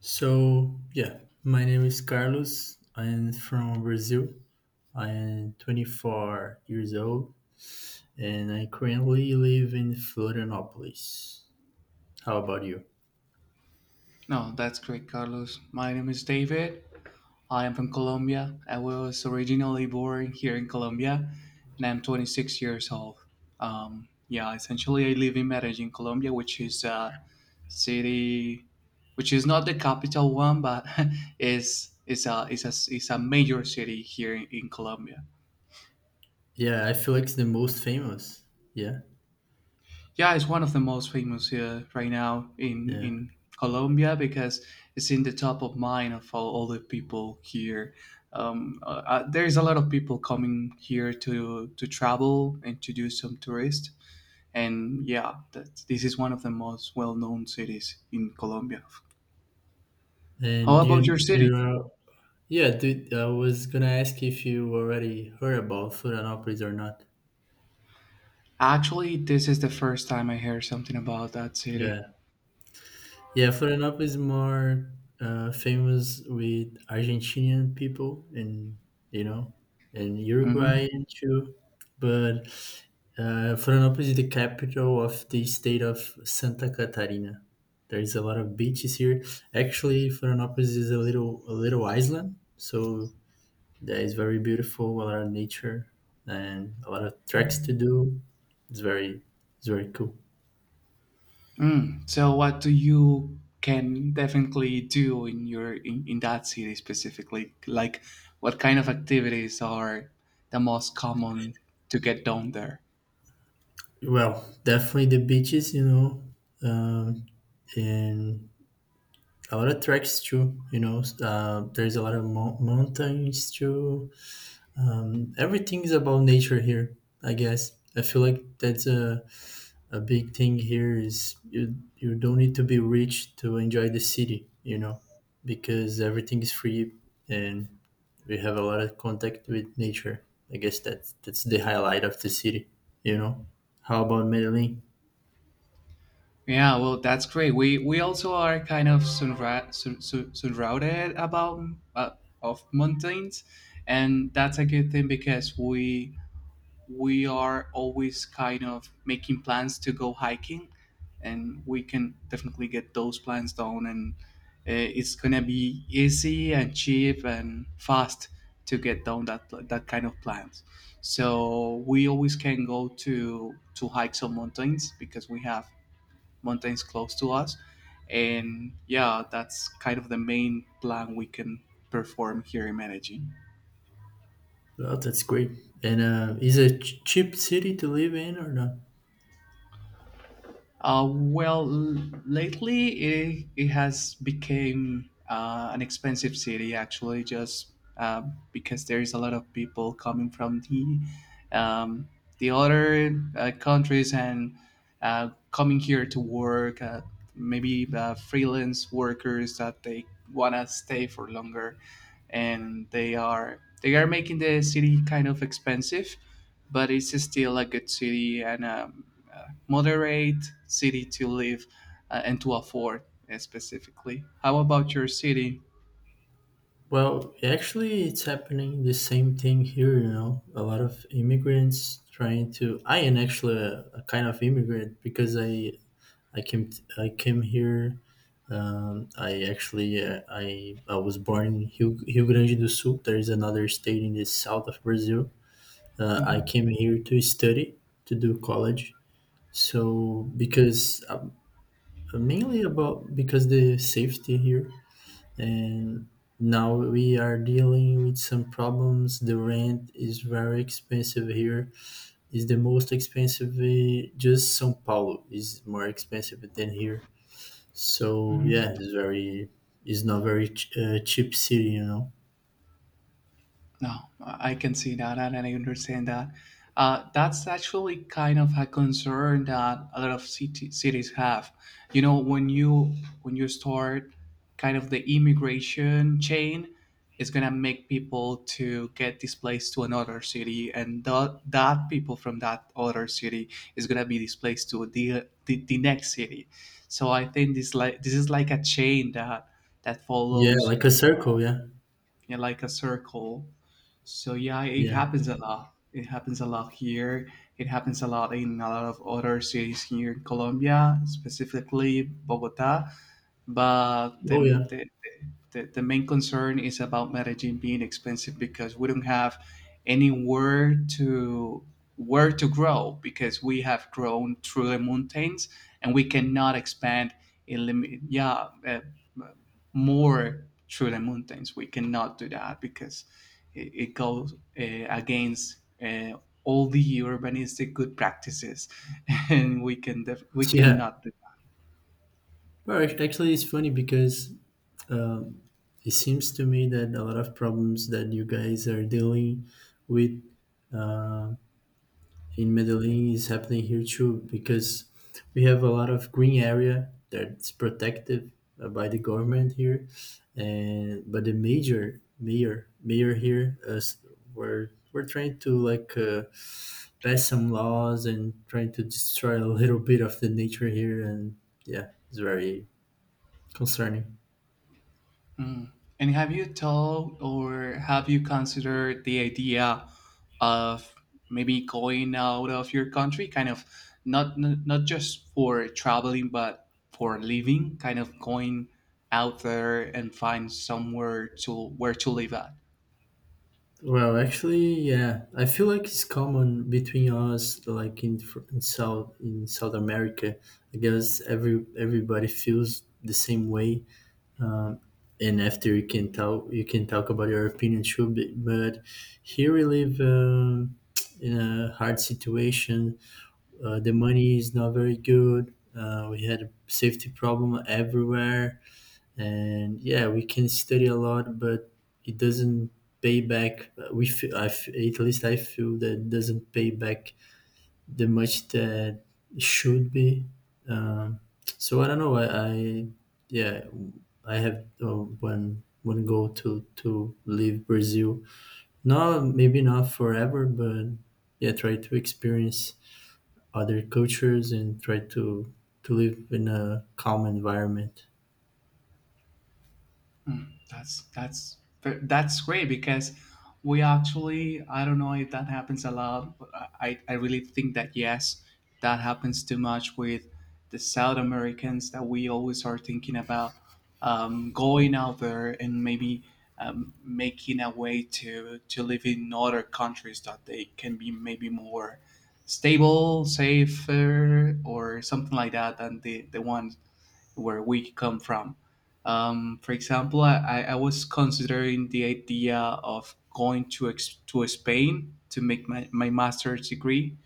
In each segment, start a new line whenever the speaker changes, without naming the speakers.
So, yeah, my name is Carlos. I am from Brazil. I am 24 years old and I currently live in Florianópolis. How about you?
No, that's great, Carlos. My name is David. I am from Colombia. I was originally born here in Colombia, and I'm 26 years old. Yeah, essentially, I live in Medellin, Colombia, which is a city, which is not the capital one, but is a major city here in Colombia.
Yeah, I feel like it's the most famous. Yeah,
Yeah, it's one of the most famous here right now in
yeah.
in Colombia because it's in the top of mind of all the people here. There's a lot of people coming here to travel and to do some tourist. And yeah, that this is one of the most well-known cities in Colombia. How
And do
about your city?
yeah, dude, I was gonna ask if you already heard about Florianópolis or not.
Actually, this is the first time I hear something about that city.
Yeah. Yeah, Florianópolis is more famous with Argentinian people and you know and
Hmm.
Uruguayan too, but Florianópolis is the capital of the state of Santa Catarina. There is a lot of beaches here. Actually, Florianópolis is a little island, so that is very beautiful. A lot of nature and a lot of tracks to do. It's very it's very cool.
Mm. So, what do you can definitely do in your in that city specifically? Like, what kind of activities are the most common to get done there?
Well, definitely the beaches, you know, um, and a lot of treks too. You know, there's a lot of mountains too. Everything is about nature here, I guess. I feel like that's a big thing here is you don't need to be rich to enjoy the city, you know, because everything is free and we have a lot of contact with nature. I guess that's the highlight of the city, you know. How about Medellin?
Yeah, well, that's great. We also are kind of surrounded about uh, of mountains, and that's a good thing because we are always kind of making plans to go hiking, and we can definitely get those plans done, and it's gonna be easy and cheap and fast to get down that kind of plans, so we always can go to hike some mountains because we have mountains close to us. And yeah, that's kind of the main plan we can perform here in managing.
Well, that's great. And is it cheap city to live in or not?
Well, lately it has become an expensive city, actually, just because there is a lot of people coming from um, the other countries and coming here to work. Maybe freelance workers that they wanna stay for longer, and they are making the city kind of expensive, but it's still a good city and moderate city to live and to afford specifically. How about your city?
Well, actually, it's happening the same thing here. You know, a lot of immigrants trying to. I am actually a kind of immigrant because I came here. I actually I was born in Rio, Rio Grande do Sul. There is another state in the south of Brazil. I
Hmm.
came here to study to do college. So because mainly about because the safety here, and now we are dealing with some problems. The rent is very expensive here, is the most expensive, just Sao Paulo is more expensive than here. So yeah,
Hmm.
it's very, it's not very cheap city, you know.
No, I can see that and I understand that. That's actually kind of a concern that a lot of cities have. You know, when you start kind of the immigration chain, it's gonna make people to get displaced to another city, and that people from that other city is gonna be displaced to the next city. So I think this is like a chain that
Yeah,
follows.
like a circle, yeah.
Yeah, like a circle. So yeah, it
Yeah,
happens a lot. It happens a lot here. It happens a lot in a lot of other cities here in Colombia, specifically Bogota, but
oh yeah,
the, the main concern is about Medellin being expensive because we don't have anywhere to where to grow because we have grown through the mountains, and we cannot expand in limit, yeah, more through the mountains. We cannot do that because it goes against uh, all the urbanistic good practices and we
yeah.
cannot.
Well, actually, it's funny because it seems to me that a lot of problems that you guys are dealing with in Medellin is happening here too, because we have a lot of green area that's protected by the government here, and but the major mayor mayor here us we're trying to like pass some laws and trying to destroy a little bit of the nature here, and yeah, it's very concerning.
Mm. And have you thought or have you considered the idea of maybe going out of your country, kind of not just for traveling, but for living, kind of going out there and find somewhere to where to live at?
Well, actually, yeah, I feel like it's common between us, like in, Fr- in South America. I guess everybody feels the same way, and after you can talk about your opinion too. But here we live in a hard situation. The money is not very good. We had a safety problem everywhere, and yeah, we can study a lot, but it doesn't pay back, we feel. At least I feel that it doesn't pay back the much that it should be. um, so I don't know. I yeah, I have one goal to leave Brazil, not maybe not forever, but yeah, try to experience other cultures and try to live in a calm environment.
Mm, that's that's that's great because we actually, I don't know if that happens a lot. But I really think that yes, that happens too much with the South Americans, that we always are thinking about going out there and maybe making a way to live in other countries that they can be maybe more stable, safer, or something like that than the one where we come from. For example, I was considering the idea of going to Spain to make my master's degree,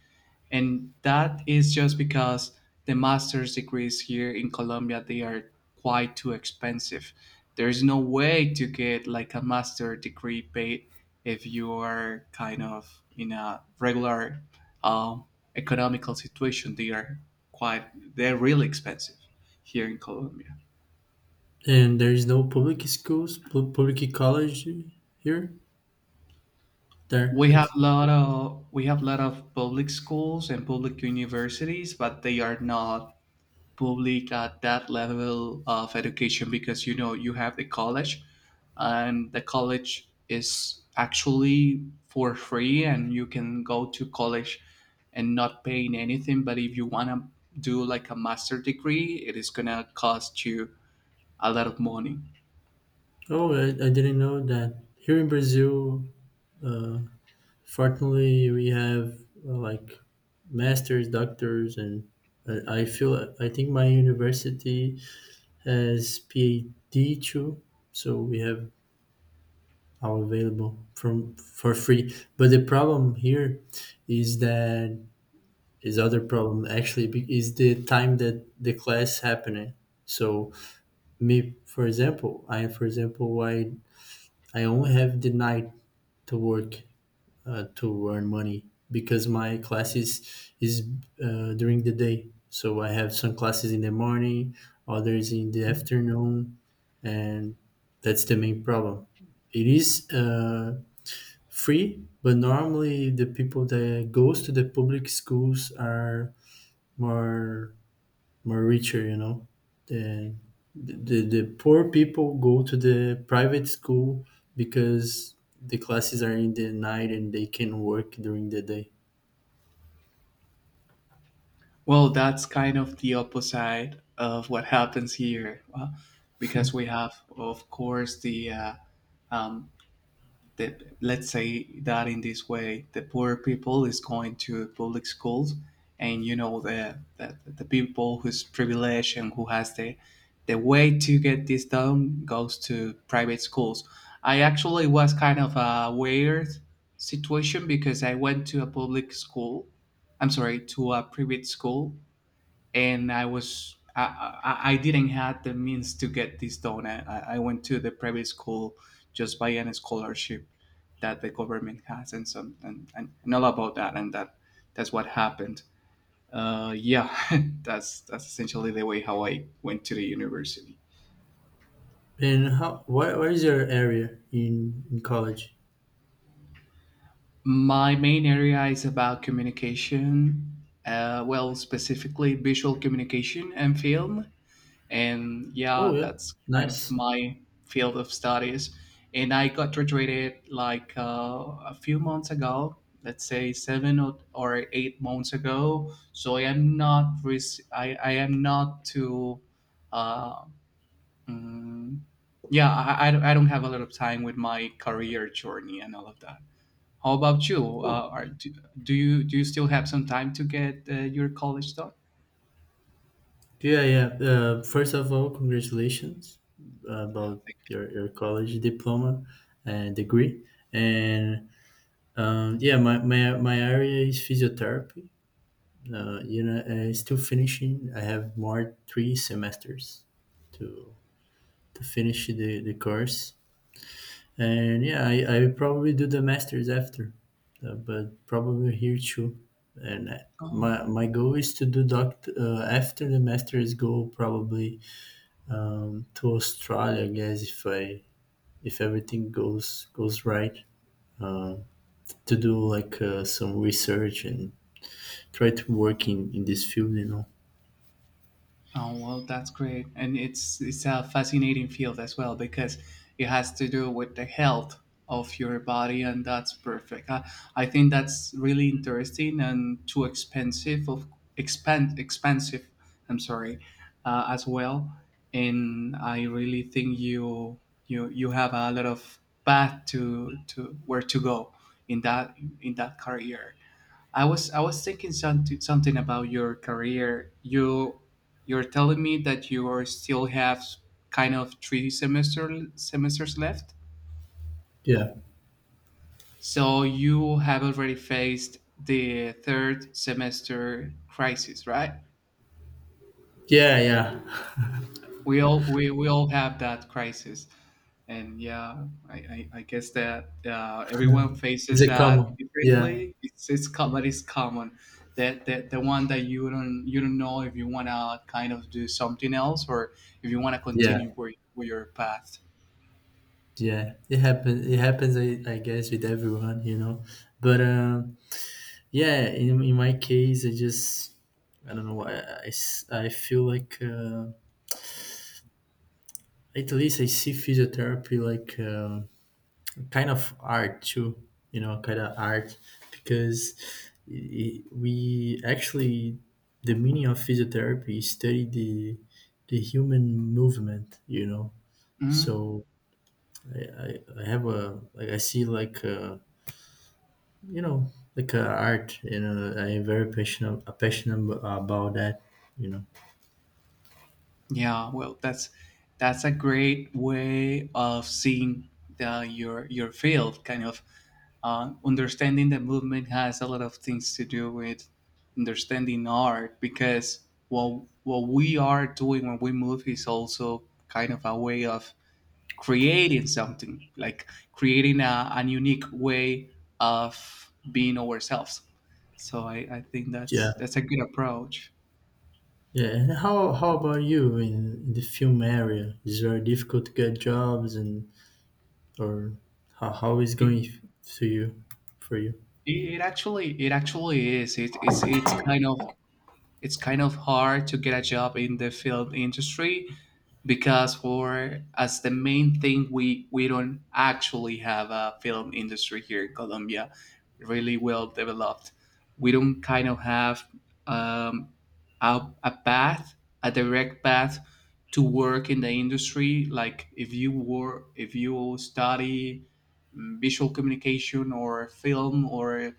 and that is just because the master's degrees here in Colombia they are quite too expensive. There is no way to get like a master degree paid if you are kind of in a regular um, economical situation. They are quite they're really expensive here in Colombia.
And there is no public schools, public college here? There,
We have
actually.
lot of we have lot of public schools and public universities, but they are not public at that level of education because you know you have the college, and the college is actually for free and you can go to college and not paying anything. But if you want to do like a master degree it is going to cost you a lot of money.
Oh, I didn't know that. Here in Brazil, uh, fortunately, we have like masters, doctors, and I feel I think my university has PhD too, so we have all available from for free. But the problem here is that is other problem, actually, is the time that the class happening. So me for example I only have the night to work to earn money, because my classes is during the day, so I have some classes in the morning, others in the afternoon, and that's the main problem. It is free, but normally the people that goes to the public schools are more more richer, you know. The, the poor people go to the private school because the classes are in the night and they can work during the day.
Well, that's kind of the opposite of what happens here, because we have of course um, the, let's say that in this way the poor people is going to public schools, and you know the people who's privileged and who has the way to get this done goes to private schools. I actually was kind of a weird situation because I went to a public school, I'm sorry, to a private school, and I was I didn't have the means to get this done. I went to the private school just by any scholarship that the government has, and all about that, and that's what happened. Yeah, that's essentially the way how I went to the university.
And how? Where is your area in college?
My main area is about communication. Well, specifically visual communication and film, and
Oh
yeah,
yeah,
that's kind of
nice.
my field of studies, and I got graduated like a few months ago, let's say 7 or 8 months ago. So I am not too uh, mm, yeah, I don't, I don't have a lot of time with my career journey and all of that. How about you? Do you still have some time to get your college done?
Yeah, yeah. First of all, congratulations about
I
your college diploma and degree. And yeah, my area is physiotherapy. You know, still finishing. I have more three semesters to to finish the course, and yeah, I will probably do the masters after, but probably here too.
think.
My my goal is to do doc after the masters. Go probably to Australia, I guess, if I if everything goes right. Uh, to do like some research and try to work in this field, you know.
Oh, well, that's great, and it's a fascinating field as well because it has to do with the health of your body, and that's perfect. I think that's really interesting, and too expensive, of expand expensive, I'm sorry, as well, and I really think you have a lot of path to where to go in that career. I was thinking something about your career. You're telling me that you are still have kind of three semesters left.
Yeah.
So you have already faced the third semester crisis, right?
Yeah, yeah.
We all have that crisis, and yeah, I guess that everyone
Is
faces
it
that
common? Yeah,
differently. But it's common that the one that you don't know if you want to kind of do something else or if you want to
yeah,
continue with your path.
yeah. It happens. It happens. I guess with everyone, you know. But yeah, in my case, I just I don't know why. I feel like at least I see physiotherapy like kind of art too. You know, kind of art because I we actually the meaning of physiotherapy is study the human movement. You know,
Mm-hmm.
so I have a like I see like you know like art, you know. I'm very passionate about that, you know.
Yeah, well, that's a great way of seeing the, your field. Kind of understanding the movement has a lot of things to do with understanding art, because what we are doing when we move is also kind of a way of creating something, like creating an unique way of being ourselves. So I think
Yeah,
that's a good approach.
yeah. And how about you in the film area? Is it very difficult to get jobs? And or how is going to you for you
It actually is. It's kind of, hard to get a job in the film industry because for as the main thing we don't actually have a film industry here in Colombia really well developed. We don't kind of have um, a, path, a direct path to work in the industry. Like if you work, if you study, visual communication or film, or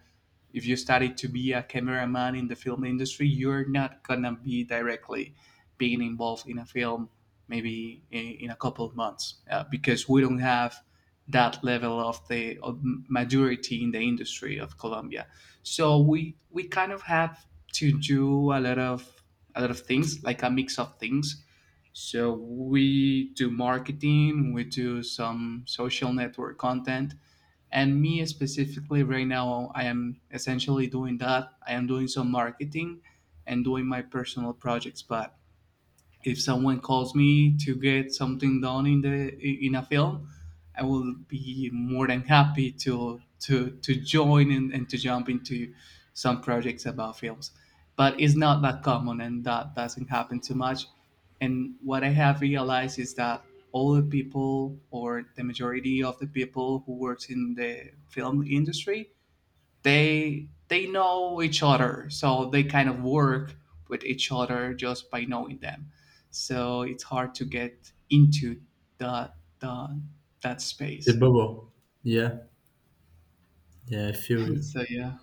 if you study to be a cameraman in the film industry, you're not gonna be directly being involved in a film maybe in a couple of months because we don't have that level of majority in the industry of Colombia. So we kind of have to do a lot of things, like a mix of things. So we do marketing, we do some social network content, and me specifically right now I am essentially doing that. I am doing some marketing and doing my personal projects, but if someone calls me to get something done in the in a film, I will be more than happy to join, and to jump into some projects about films. But it's not that common, and that doesn't happen too much, and what I have realized is that all the people, or the majority of the people who works in the film industry, they know each other, so they kind of work with each other just by knowing them. So it's hard to get into the the that
the
space.
bubble yeah yeah I feel you
So yeah.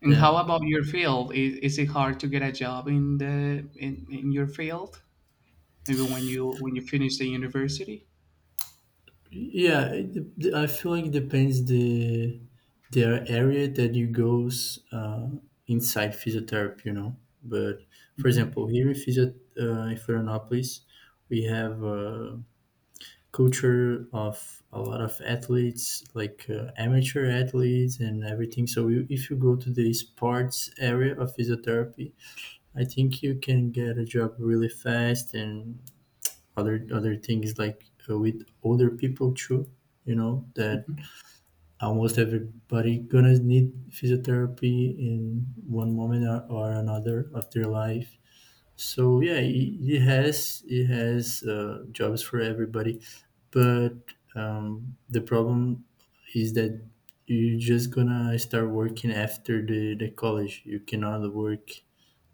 And
yeah.
how about your field? Is it hard to get a job in your field? Maybe when you finish the university.
Yeah, it, I feel like it depends the area that you goes inside physiotherapy, you know. But for
Hmm.
example, here in physio in Florianópolis, we have a culture of a lot of athletes, like amateur athletes and everything. So you, if you go to the sports area of physiotherapy, I think you can get a job really fast, and other things like with older people too, you know, that almost everybody gonna need physiotherapy in one moment or another of their life. So yeah, it has jobs for everybody, but the problem is that you're just gonna start working after the college. You cannot work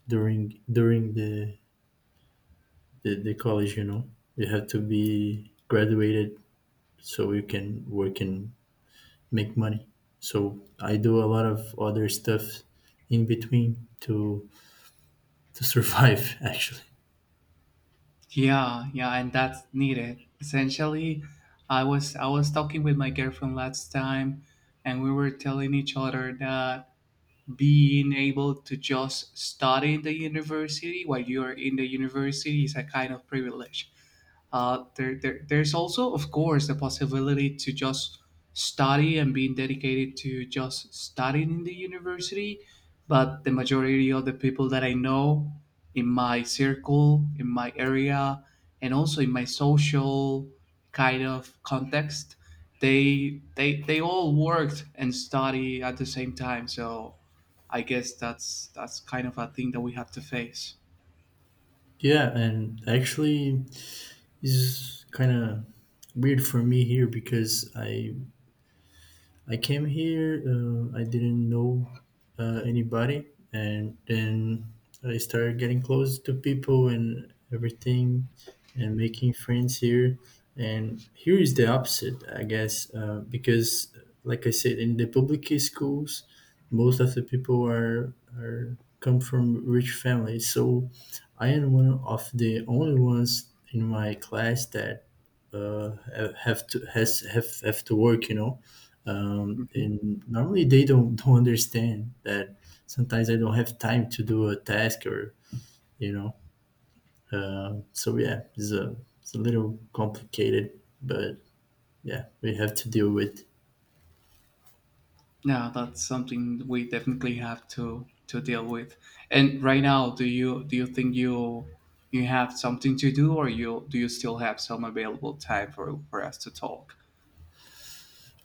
during the college, you know. You have to be graduated so you can work and make money. So I do a lot of other stuff in between to survive actually.
Yeah, yeah, and that's needed. Essentially, I was talking with my girlfriend last time, and we were telling each other that being able to just study in the university while you're in the university is a kind of privilege. There's also, of course, the possibility to just study and being dedicated to just studying in the university. But the majority of the people that I know in my circle, in my area, and also in my social kind of context, they all worked and study at the same time. So I guess that's kind of a thing that we have to face.
Yeah, and actually is kind of weird for me here because I came here, I didn't know anybody, and then I started getting close to people and everything, and making friends here. And here is the opposite, I guess, because, like I said, in the public schools, most of the people are come from rich families. So I am one of the only ones in my class that have to work, you know.
Hmm.
And normally they don't don't understand that sometimes I don't have time to do a task or you know. So yeah, it's a little complicated, but yeah, we have to deal with.
Yeah, that's something we definitely have to deal with. And right now, do you think you have something to do, or you do you still have some available time for us to talk?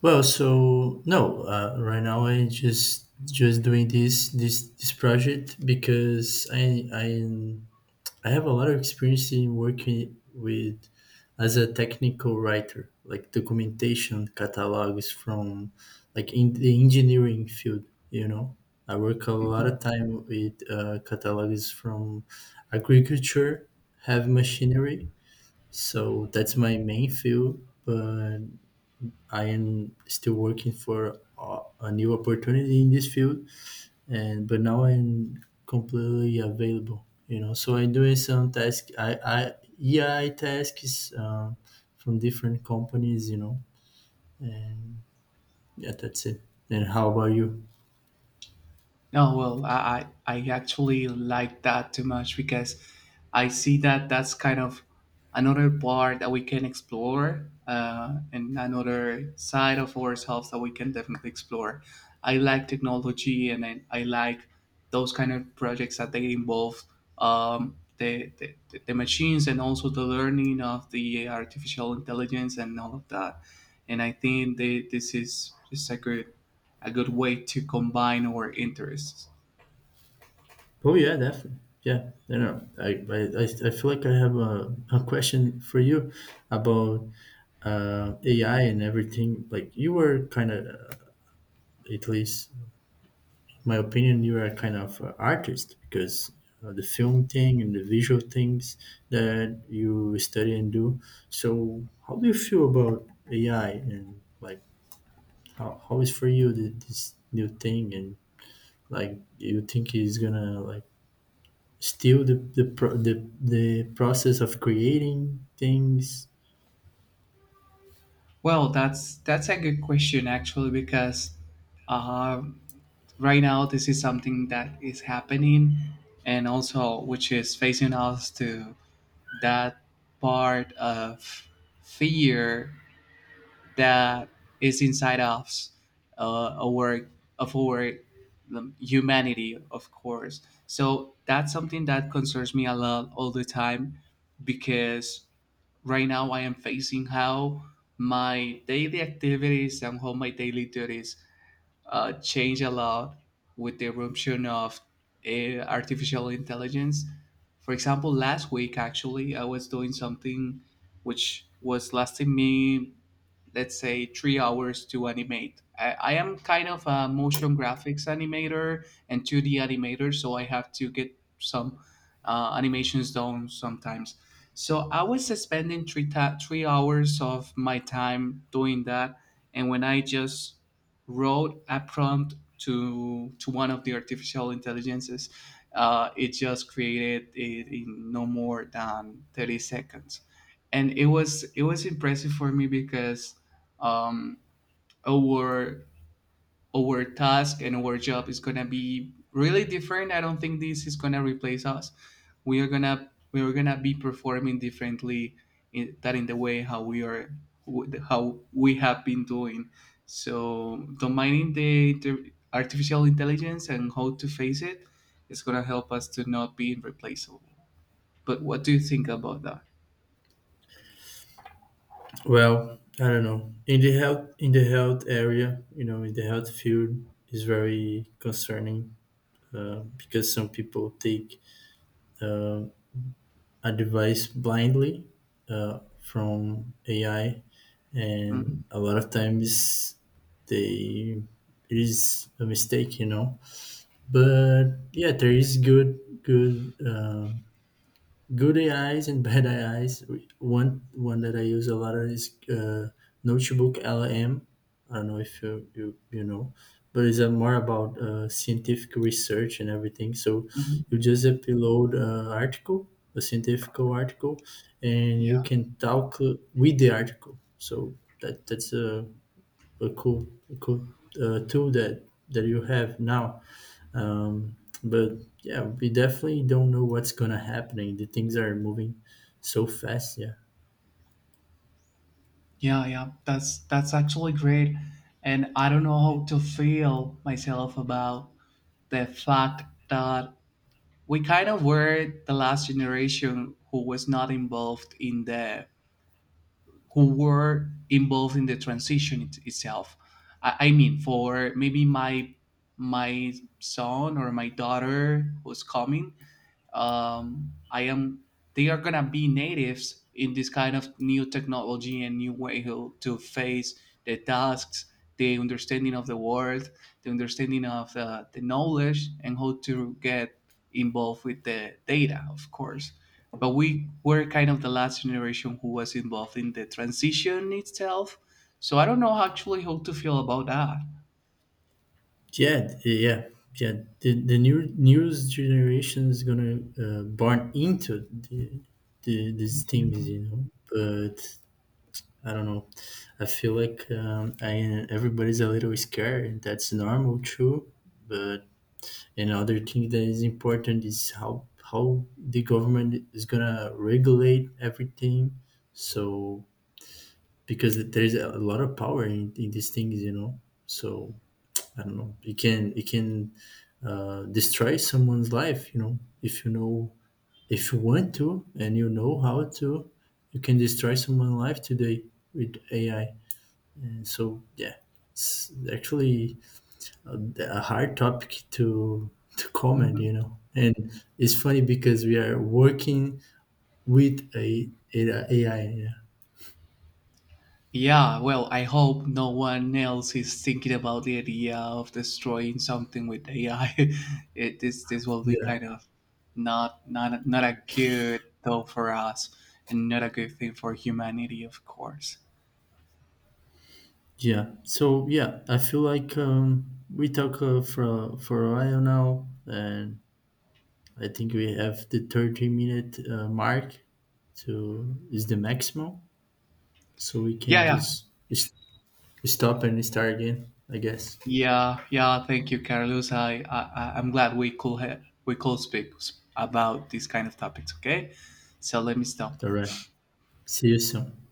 Well so no, right now I just doing this project, because I have a lot of experience in working with as a technical writer, like documentation catalogs from like in the engineering field, you know. I work a lot of time with catalogs from agriculture, heavy machinery. So that's my main field, but I am still working for a new opportunity in this field. And but now I'm completely available. You know, so I'm doing some task. I EI tasks, from different companies, you know. And yeah, that's it. And how about you?
No, well, I actually like that too much because I see that that's kind of another part that we can explore, and another side of ourselves that we can definitely explore. I like technology and I like those kind of projects that they involve, um, the, the, the machines and also the learning of the artificial intelligence and all of that. And I think this is a good way to combine our interests.
Oh yeah, definitely. Yeah, you know, I feel like I have a question for you about AI and everything. Like you were kind of, at least my opinion, you are a kind of artist because the film thing and the visual things that you study and do. So, how do you feel about AI? And like how is for you this new thing? And like you think it's gonna like steal the process of creating things?
Well, that's a good question actually because uh, right now this is something that is happening and also which is facing us to that part of fear that is inside us, a work of our humanity, of course. So that's something that concerns me a lot all the time because right now I am facing how my daily activities and how my daily duties change a lot with the eruption of artificial intelligence. For example, last week actually, I was doing something which was lasting me, let's say, 3 hours to animate. I am kind of a motion graphics animator and 2D animator, so I have to get some animations done sometimes. So I was spending 3 hours of my time doing that. And when I just wrote a prompt to one of the artificial intelligences. It just created it in no more than 30 seconds, and it was impressive for me because um, our task and our job is gonna be really different. I don't think this is gonna replace us. We are gonna be performing differently in, that in the way how we are how we have been doing. So combining the, artificial intelligence and how to face it is gonna help us to not be replaceable. But what do you think about that?
Well, I don't know. In the health area, you know, in the health field is very concerning because some people take uh, advice blindly from AI, and
Mhm.
a lot of times they it is a mistake, you know. But yeah, there is good. Good AIs and bad AIs. One that I use a lot is Notebook LM. I don't know if you, you know, but it's more about scientific research and everything. So
Mhm.
you just upload an article, a scientific article, and you can talk with the article. So that's a cool tool that that you have now. um, but yeah, we definitely don't know what's gonna happening. The things are moving so fast, yeah.
Yeah, yeah, that's actually great, and I don't know how to feel myself about the fact that we kind of were the last generation who was not involved in the who were involved in the transition itself. I mean, for maybe my my son or my daughter who's coming, I am they are gonna be natives in this kind of new technology and new way to face the tasks, the understanding of the world, the understanding of the knowledge, and how to get involved with the data, of course, but we were kind of the last generation who was involved in the transition itself. So I don't know actually how to feel about that.
Yeah yeah, yeah, the new news generation is gonna burn into the these
Yeah.
things, you know. But I don't know. I feel like everybody's a little scared, and that's normal too. But another thing that is important is how the government is gonna regulate everything. So because there's a lot of power in these things, you know. So I don't know, it can destroy someone's life, you know. If you know, if you want to and you know how to, you can destroy someone's life today with AI. And so yeah, it's actually a, a hard topic to comment,
Mhm.
you know. And it's funny because we are working with a AI, yeah,
Yeah, well, I hope no one else is thinking about the idea of destroying something with AI. This will be
yeah.
kind of not not a good though for us, and not a good thing for humanity, of course.
Yeah. So yeah, I feel like we talk for a while now, and I think we have the 30-minute mark to is the maximum, so we
Yeah,
can
yeah.
just s- stop and start again, I guess.
Yeah, yeah. Thank you, Carlos. I'm glad we could we could speak about these kind of topics. Okay, so let me stop.
All right. See you soon.